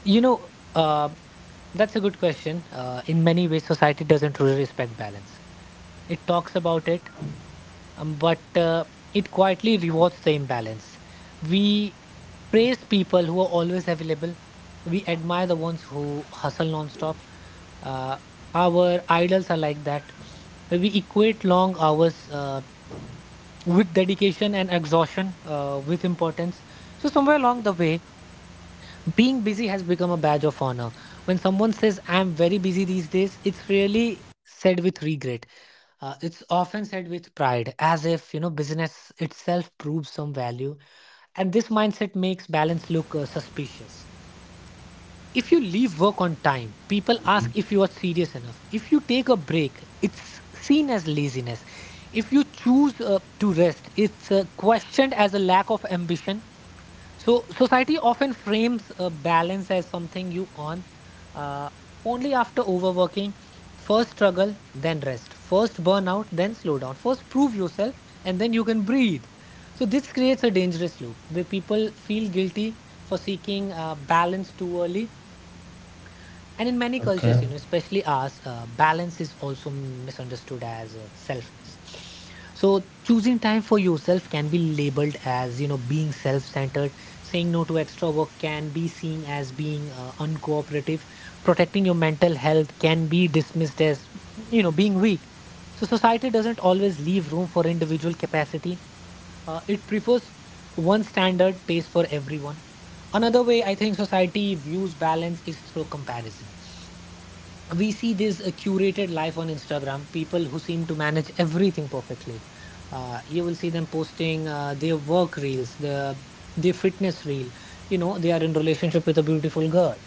Speaker 2: you know, that's a good question. In many ways, society doesn't really respect balance. It talks about it, but it quietly rewards the imbalance. We praise people who are always available. We admire the ones who hustle nonstop. Uh, our idols are like that. We equate long hours with dedication and exhaustion with importance. So, somewhere along the way, being busy has become a badge of honor. When someone says, I'm very busy these days, it's really said with regret, it's often said with pride, as if, you know, business itself proves some value, and this mindset makes balance look suspicious. If you leave work on time, people ask if you are serious enough. If you take a break, it's seen as laziness. If you choose to rest, it's questioned as a lack of ambition. So society often frames a balance as something you earn uh, only after overworking. First struggle, then rest. First burnout, then slow down. First prove yourself, and then you can breathe. So this creates a dangerous loop where people feel guilty for seeking balance too early. And in many cultures,
Speaker 1: Okay,
Speaker 2: you know, especially ours, balance is also misunderstood as selfness. So choosing time for yourself can be labeled as, you know, being self-centered. Saying no to extra work can be seen as being uncooperative. Protecting your mental health can be dismissed as, you know, being weak. So society doesn't always leave room for individual capacity. It prefers one standard pace for everyone. Another way I think society views balance is through comparison. We see this curated life on Instagram, people who seem to manage everything perfectly. You will see them posting their work reels, their fitness reel. You know, they are in relationship with a beautiful girl.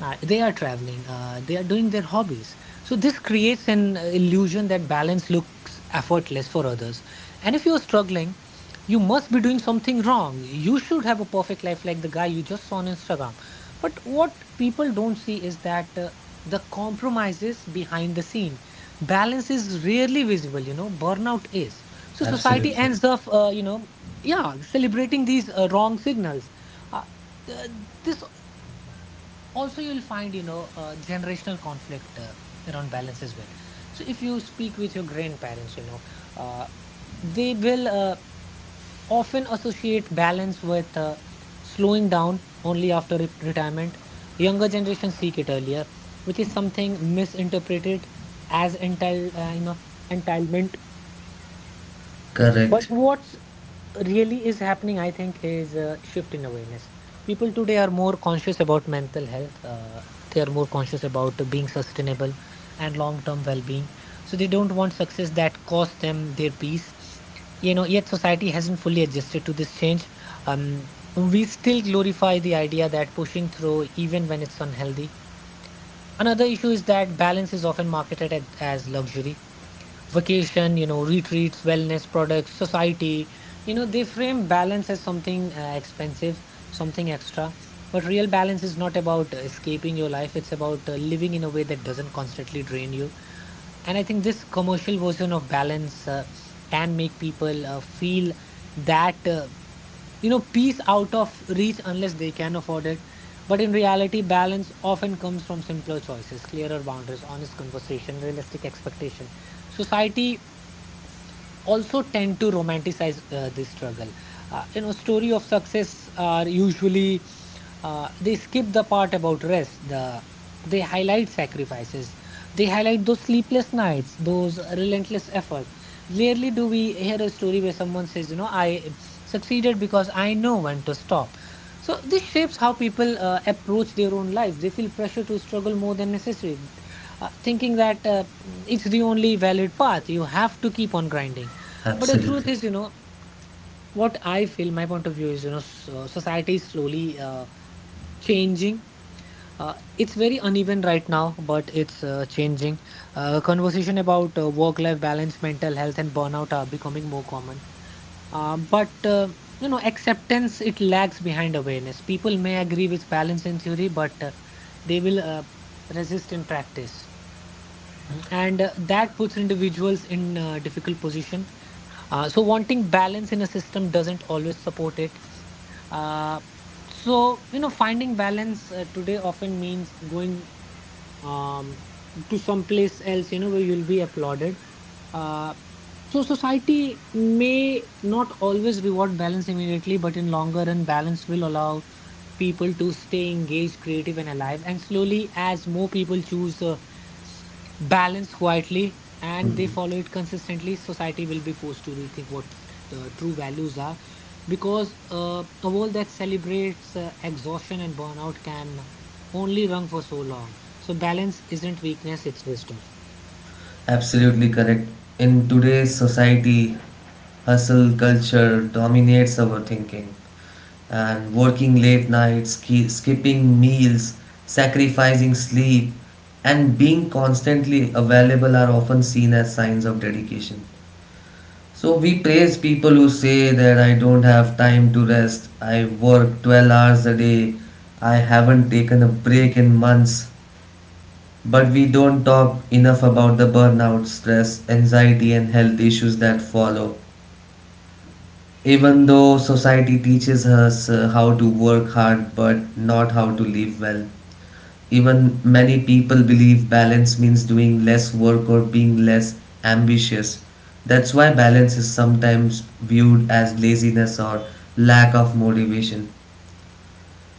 Speaker 2: They are traveling. They are doing their hobbies. So this creates an illusion that balance looks effortless for others. And if you are struggling, you must be doing something wrong. You should have a perfect life like the guy you just saw on Instagram. But what people don't see is that, the compromises behind the scene. Balance is rarely visible, you know, burnout is. So society
Speaker 1: absolutely.
Speaker 2: ends up, you know, yeah, celebrating these wrong signals. Uh, th- this also you'll find, you know, generational conflict around balance as well. So if you speak with your grandparents, you know, uh, they will often associate balance with slowing down only after retirement. Younger generations seek it earlier, which is something misinterpreted as you know, entitlement. But
Speaker 1: Correct.
Speaker 2: what's really is happening, I think, is a shift in awareness. People today are more conscious about mental health. They are more conscious about being sustainable and long-term well-being. So they don't want success that costs them their peace. You know, yet society hasn't fully adjusted to this change. We still glorify the idea that pushing through, even when it's unhealthy. Another issue is that balance is often marketed at, as luxury vacation, you know, retreats, wellness products, society. You know, they frame balance as something expensive, something extra. But real balance is not about escaping your life, it's about living in a way that doesn't constantly drain you. And I think this commercial version of balance can make people feel that, you know, peace out of reach unless they can afford it. But in reality, balance often comes from simpler choices, clearer boundaries, honest conversation, realistic expectation. Society also tend to romanticize this struggle. You know, story of success are usually, they skip the part about rest. They highlight sacrifices. They highlight those sleepless nights, those relentless effort. Rarely do we hear a story where someone says, "You know, I succeeded because I know when to stop." So this shapes how people approach their own life. They feel pressure to struggle more than necessary, thinking that it's the only valid path. You have to keep on grinding. But the truth
Speaker 1: Absolutely.
Speaker 2: is, you know, what I feel, my point of view is, you know, so society is slowly changing. It's very uneven right now, but it's changing. Conversation about work-life balance, mental health, and burnout are becoming more common. But you know, acceptance it lags behind awareness. People may agree with balance in theory, but they will resist in practice. And that puts individuals in difficult position. So wanting balance in a system doesn't always support it. Uh, so, you know, finding balance today often means going, um, to some place else, you know, where you'll be applauded. Uh, so society may not always reward balance immediately, but in longer run, balance will allow people to stay engaged, creative, and alive. And slowly, as more people choose balance quietly and they
Speaker 1: Mhm.
Speaker 2: follow it consistently, society will be forced to rethink what the true values are. Because a world that celebrates exhaustion and burnout can only run for so long. So, balance isn't weakness, it's wisdom.
Speaker 1: Absolutely correct. In today's society, hustle culture dominates our thinking, and working late nights, skipping meals, sacrificing sleep, and being constantly available are often seen as signs of dedication. So we praise people who say that I don't have time to rest, I work 12 hours a day, I haven't taken a break in months. But we don't talk enough about the burnout, stress, anxiety, and health issues that follow. Even though society teaches us how to work hard but not how to live well, even many people believe balance means doing less work or being less ambitious. That's why balance is sometimes viewed as laziness or lack of motivation.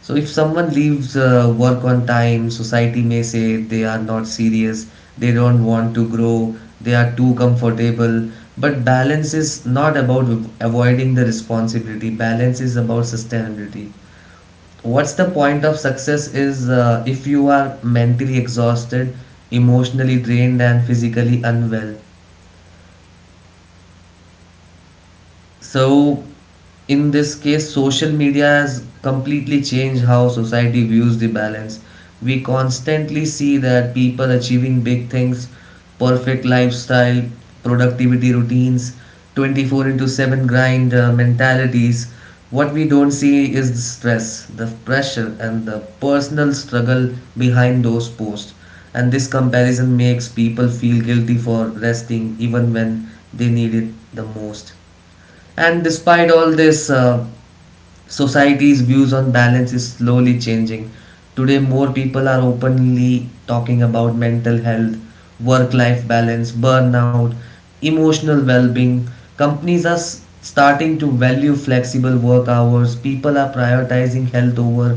Speaker 1: So if someone leaves work on time, society may say they are not serious, they don't want to grow, they are too comfortable. But balance is not about avoiding the responsibility. Balance is about sustainability. What's the point of success is if you are mentally exhausted, emotionally drained and physically unwell. So, in this case, social media has completely changed how society views the balance. We constantly see that people achieving big things, perfect lifestyle, productivity routines, 24 into 7 grind mentalities. What we don't see is the stress, the pressure, and the personal struggle behind those posts. And this comparison makes people feel guilty for resting even when they need it the most. And despite all this, society's views on balance is slowly changing. Today, more people are openly talking about mental health, work life balance, burnout, emotional well being. Companies are starting to value flexible work hours. People are prioritizing health over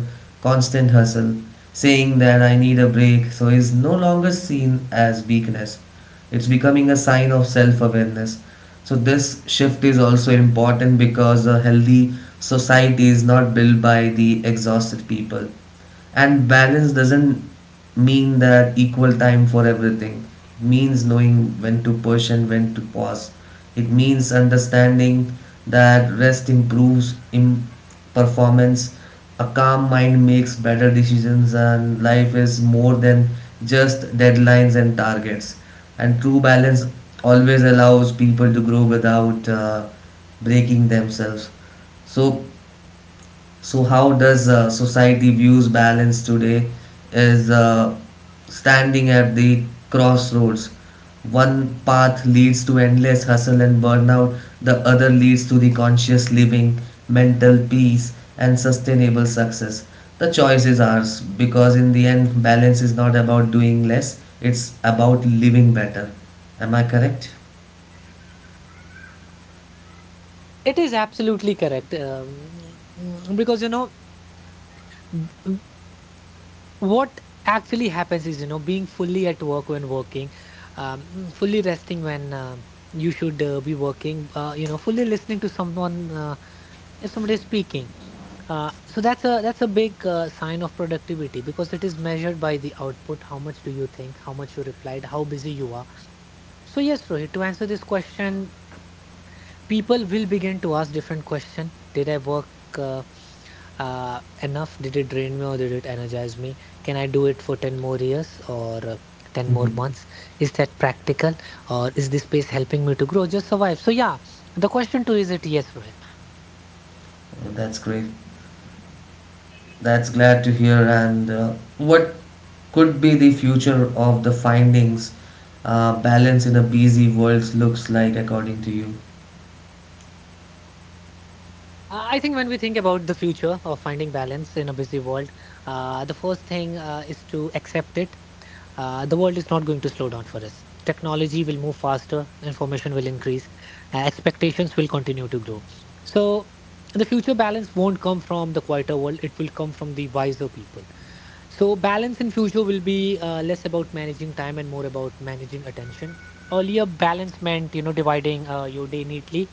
Speaker 1: constant hustle. Saying that I need a break so is no longer seen as weakness. It's becoming a sign of self awareness. So, this shift is also important because a healthy society is not built by the exhausted people, and balance doesn't mean that equal time for everything. It means knowing when to push and when to pause. It means understanding that rest improves in performance, a calm mind makes better decisions, and life is more than just deadlines and targets. And true balance always allows people to grow without breaking themselves. So so how does society views balance today is standing at the crossroads. One path leads to endless hustle and burnout, the other leads to the conscious living, mental peace and sustainable success. The choice is ours because in the end balance is not about doing less, it's about living better. Am I correct?
Speaker 2: It is absolutely correct. Because, you know, what actually happens is, you know, being fully at work when working, fully resting when you should be working, you know, fully listening to someone, if somebody is speaking, so that's a big sign of productivity, because it is measured by the output, how much do you think, how much you replied, how busy you are. So yes, Rohit, to answer this question, people will begin to ask different question. Did I work uh, enough? Did it drain me or did it energize me? Can I do it for 10 more years or 10 more
Speaker 1: Mhm.
Speaker 2: months? Is that practical, or is this space helping me to grow, just survive? So yeah, the question too is it, yes Rohit?
Speaker 1: Oh, that's great. That's glad to hear. And what could be the future of the findings? Balance in a busy world looks like, according to you.
Speaker 2: I think when we think about the future of finding balance in a busy world, the first thing is to accept it. The world is not going to slow down for us. Technology will move faster, information will increase, expectations will continue to grow. So, the future balance won't come from the quieter world, it will come from the wiser people. So, balance in future will be less about managing time and more about managing attention. Earlier, balance meant, dividing your day neatly,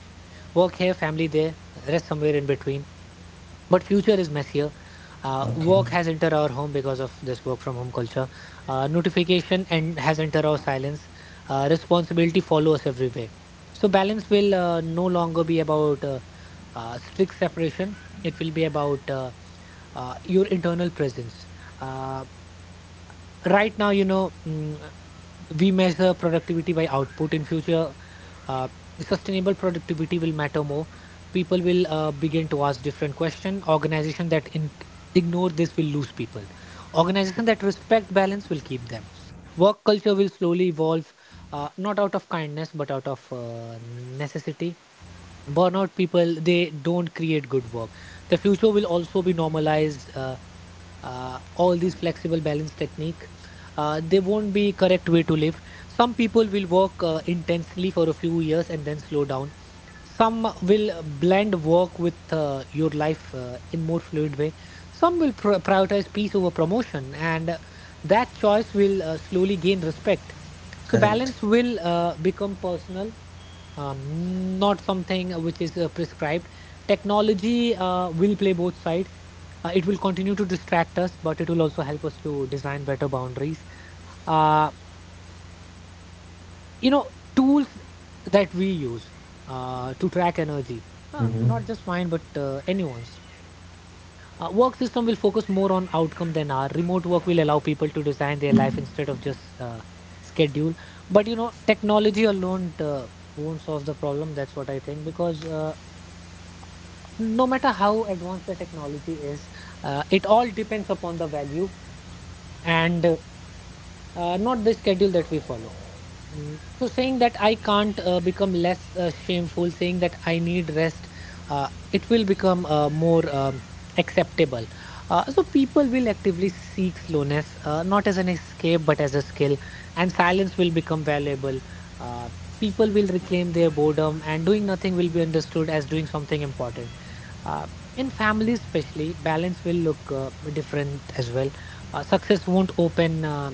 Speaker 2: work here, family there, rest somewhere in between, but future is messier. Uh,
Speaker 1: Okay,
Speaker 2: work has entered our home because of this work from home culture. Uh, notification and has entered our silence. Uh, responsibility follows us everywhere. So balance will no longer be about strict separation. It will be about your internal presence. uh, right now, we measure productivity by output in future. Uh, sustainable productivity will matter more. People will begin to ask different question. Organization that ignore this will lose people. Organization that respect balance will keep them. Work culture will slowly evolve, not out of kindness but out of necessity. Burnout people, they don't create good work. The future will also be normalized. Uh, all these flexible balance technique, they won't be correct way to live. Some people will work intensely for a few years and then slow down. Some will blend work with your life in more fluid way. Some will prioritize peace over promotion, and that choice will slowly gain respect. So
Speaker 1: correct.
Speaker 2: balance will become personal, not something which is prescribed. Technology will play both sides. It will continue to distract us, but it will also help us to design better boundaries. Uh, Tools that we use to track energy,
Speaker 1: Mm-hmm.
Speaker 2: not just mine, but anyone's. Work system will focus more on outcome than our remote work will allow people to design their life instead of just schedule. But, technology alone won't solve the problem. That's what I think because. No matter how advanced the technology is, it all depends upon the value and not the schedule that we follow. Mm. So saying that I can't become less shameful, saying that I need rest, it will become more acceptable. So people will actively seek slowness, not as an escape, but as a skill, and silence will become valuable. Uh, People will reclaim their boredom, and doing nothing will be understood as doing something important. Uh, in families, especially, balance will look different as well. Success won't open. Uh,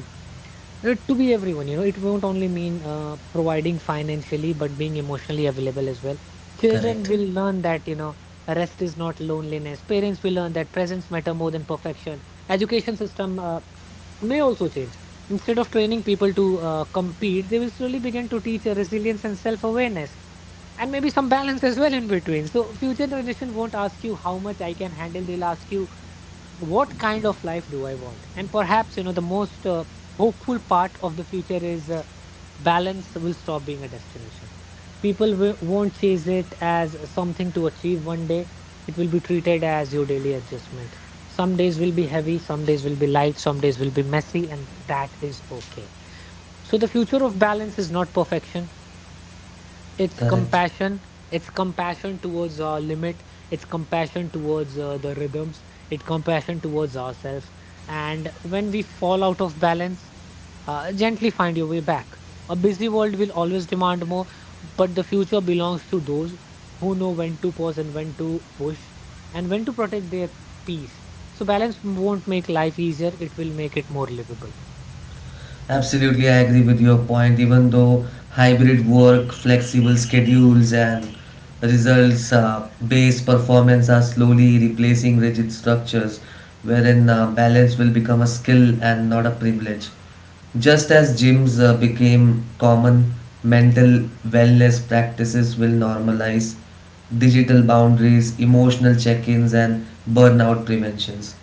Speaker 2: uh, To be everyone, it won't only mean providing financially, but being emotionally available as well. Children
Speaker 1: Correct.
Speaker 2: will learn that, rest is not loneliness. Parents will learn that presence matter more than perfection. Education system may also change. Instead of training people to compete, they will slowly begin to teach resilience and self-awareness and maybe some balance as well in between. So future generation won't ask you, how much I can handle. They'll ask you, what kind of life do I want? And perhaps, the most hopeful part of the future is balance will stop being a destination. People won't chase it as something to achieve one day. It will be treated as your daily adjustment. Some days will be heavy, some days will be light, some days will be messy, and that is okay. So, the future of balance is not perfection. It's
Speaker 1: Correct.
Speaker 2: compassion. It's compassion towards our limit. It's compassion towards the rhythms. It's compassion towards ourselves. And when we fall out of balance, gently find your way back. A busy world will always demand more, but the future belongs to those who know when to pause and when to push and when to protect their peace. So balance won't make life easier. It will make it more livable.
Speaker 1: Absolutely, I agree with your point. Even though hybrid work, flexible schedules, and results based performance are slowly replacing rigid structures, wherein balance will become a skill and not a privilege. Just as gyms became common, mental wellness practices will normalize digital boundaries, emotional check ins, and burnout preventions.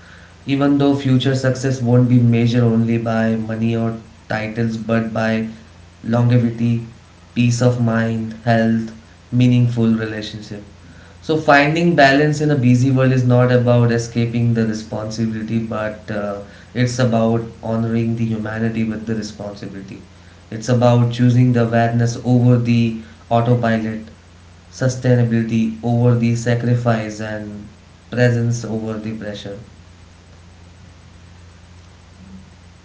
Speaker 1: Even though future success won't be measured only by money or titles, but by longevity, peace of mind, health, meaningful relationship. So finding balance in a busy world is not about escaping the responsibility, but it's about honoring the humanity with the responsibility. It's about choosing the awareness over the autopilot, sustainability over the sacrifice, and presence over the pressure.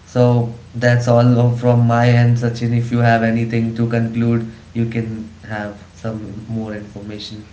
Speaker 1: So that's from my end, Sachin. If you have anything to conclude, you can have some more information.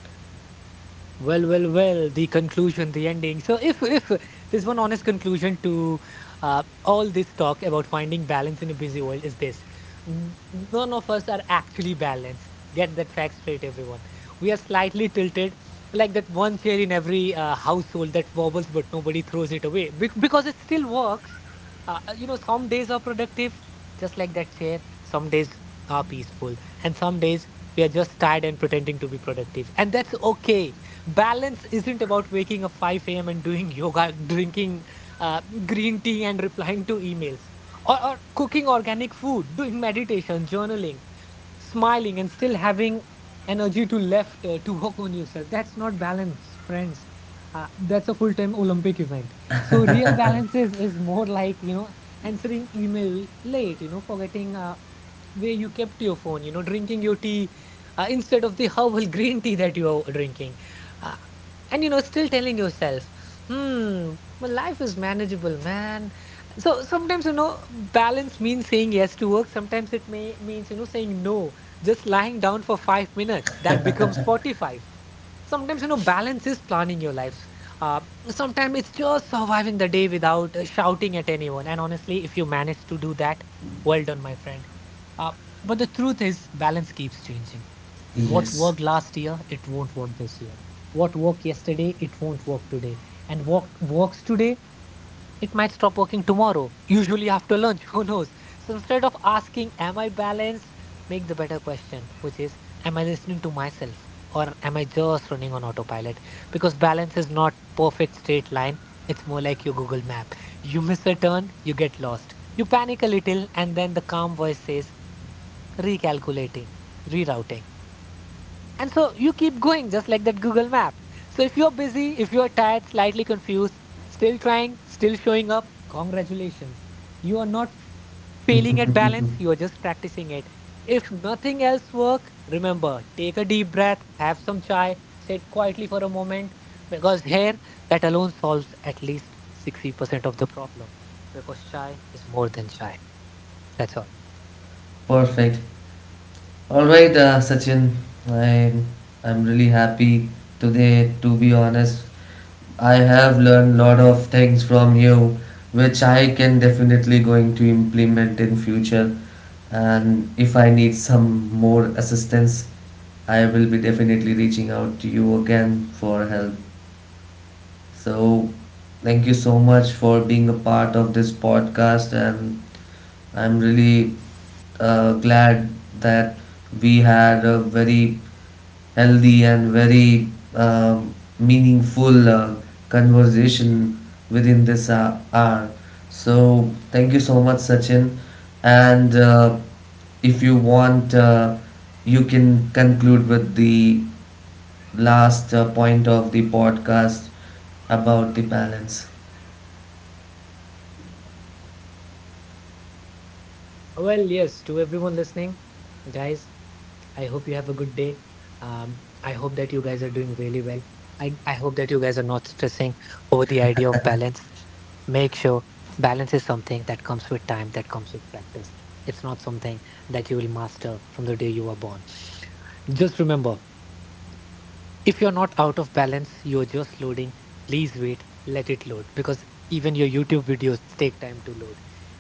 Speaker 2: Well, well, well, the conclusion, the ending. So if there's one honest conclusion to all this talk about finding balance in a busy world, is this. None of us are actually balanced. Get that fact straight, everyone. We are slightly tilted, like that one chair in every household that wobbles but nobody throws it away, because it still works. Some days are productive, just like that chair. Some days are peaceful, and some days we are just tired and pretending to be productive, and that's okay. Balance isn't about waking up 5 a.m. and doing [LAUGHS] yoga, drinking green tea, and replying to emails, or cooking organic food, doing meditation, journaling, smiling, and still having energy to left to work on yourself. That's not balance, friends. That's a full-time Olympic event. So real balance is more like, answering email late, forgetting where you kept your phone, drinking your tea instead of the [LAUGHS] herbal green tea that you are drinking. Uh, and, still telling yourself, hmm, my life is manageable, man. So sometimes, balance means saying yes to work. Sometimes it may means, saying no, just lying down for 5 minutes. That becomes 45. Sometimes, balance is planning your life, uh, sometimes it's just surviving the day without shouting at anyone. And honestly, if you manage to do that, well done, my friend. Uh, but the truth is balance keeps changing. What
Speaker 1: Yes,
Speaker 2: worked last year, it won't work this year. What worked yesterday, it won't work today. And what works today, it might stop working tomorrow, usually after lunch. [LAUGHS] Who knows? So instead of asking, am I balanced? Make the better question, which is, am I listening to myself? Or am I just running on autopilot? Because balance is not perfect straight line. It's more like your Google map. You miss a turn, you get lost. You panic a little, and then the calm voice says, recalculating, rerouting. And so you keep going, just like that Google map. So if you're busy, if you're tired, slightly confused, still trying, still showing up, congratulations. You are not failing at balance, you are just practicing it. If nothing else work, remember, take a deep breath, have some chai, sit quietly for a moment, because here that alone solves at least 60% of the problem, because chai is more than chai. That's all.
Speaker 1: perfect. All right, Sachin. I I'm really happy today. To be honest, I have learned lot of things from you, which I can definitely going to implement in future. And if I need some more assistance, I will be definitely reaching out to you again for help. So, thank you so much for being a part of this podcast and I'm really glad that we had a very healthy and very um meaningful conversation within this hour. So, thank you so much, Sachin. And if you want, you can conclude with the last point of the podcast about the balance.
Speaker 2: Well, yes, to everyone listening, guys, I hope you have a good day. I hope that you guys are doing really well. I hope that you guys are not stressing over the idea of balance. Make sure balance is something that comes with time, that comes with practice. It's not something that you will master from the day you were born. Just remember, if you're not out of balance, you're just loading, please wait, let it load, because even your YouTube videos take time to load.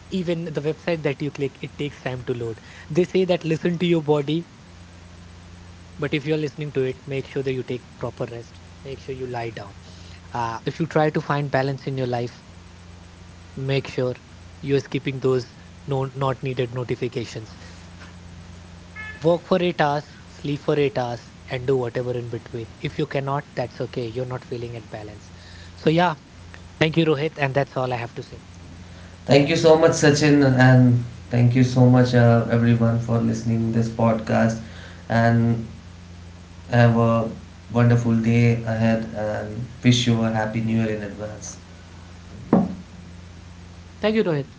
Speaker 2: Even the website that you click, it takes time to load. They say that listen to your body, but if you're listening to it, make sure that you take proper rest. Make sure you lie down. If you try to find balance in your life, make sure you're skipping those no not needed notifications. Work for 8 hours, sleep for 8 hours, and do whatever in between. If you cannot, that's okay. You're not feeling at balance. So yeah, thank you, Rohit, and that's all I have to say.
Speaker 1: Thank you so much, Sachin, and thank you so much, everyone, for listening this podcast. And have a wonderful day ahead, and wish you a happy new year in advance.
Speaker 2: Thank you, Rohit.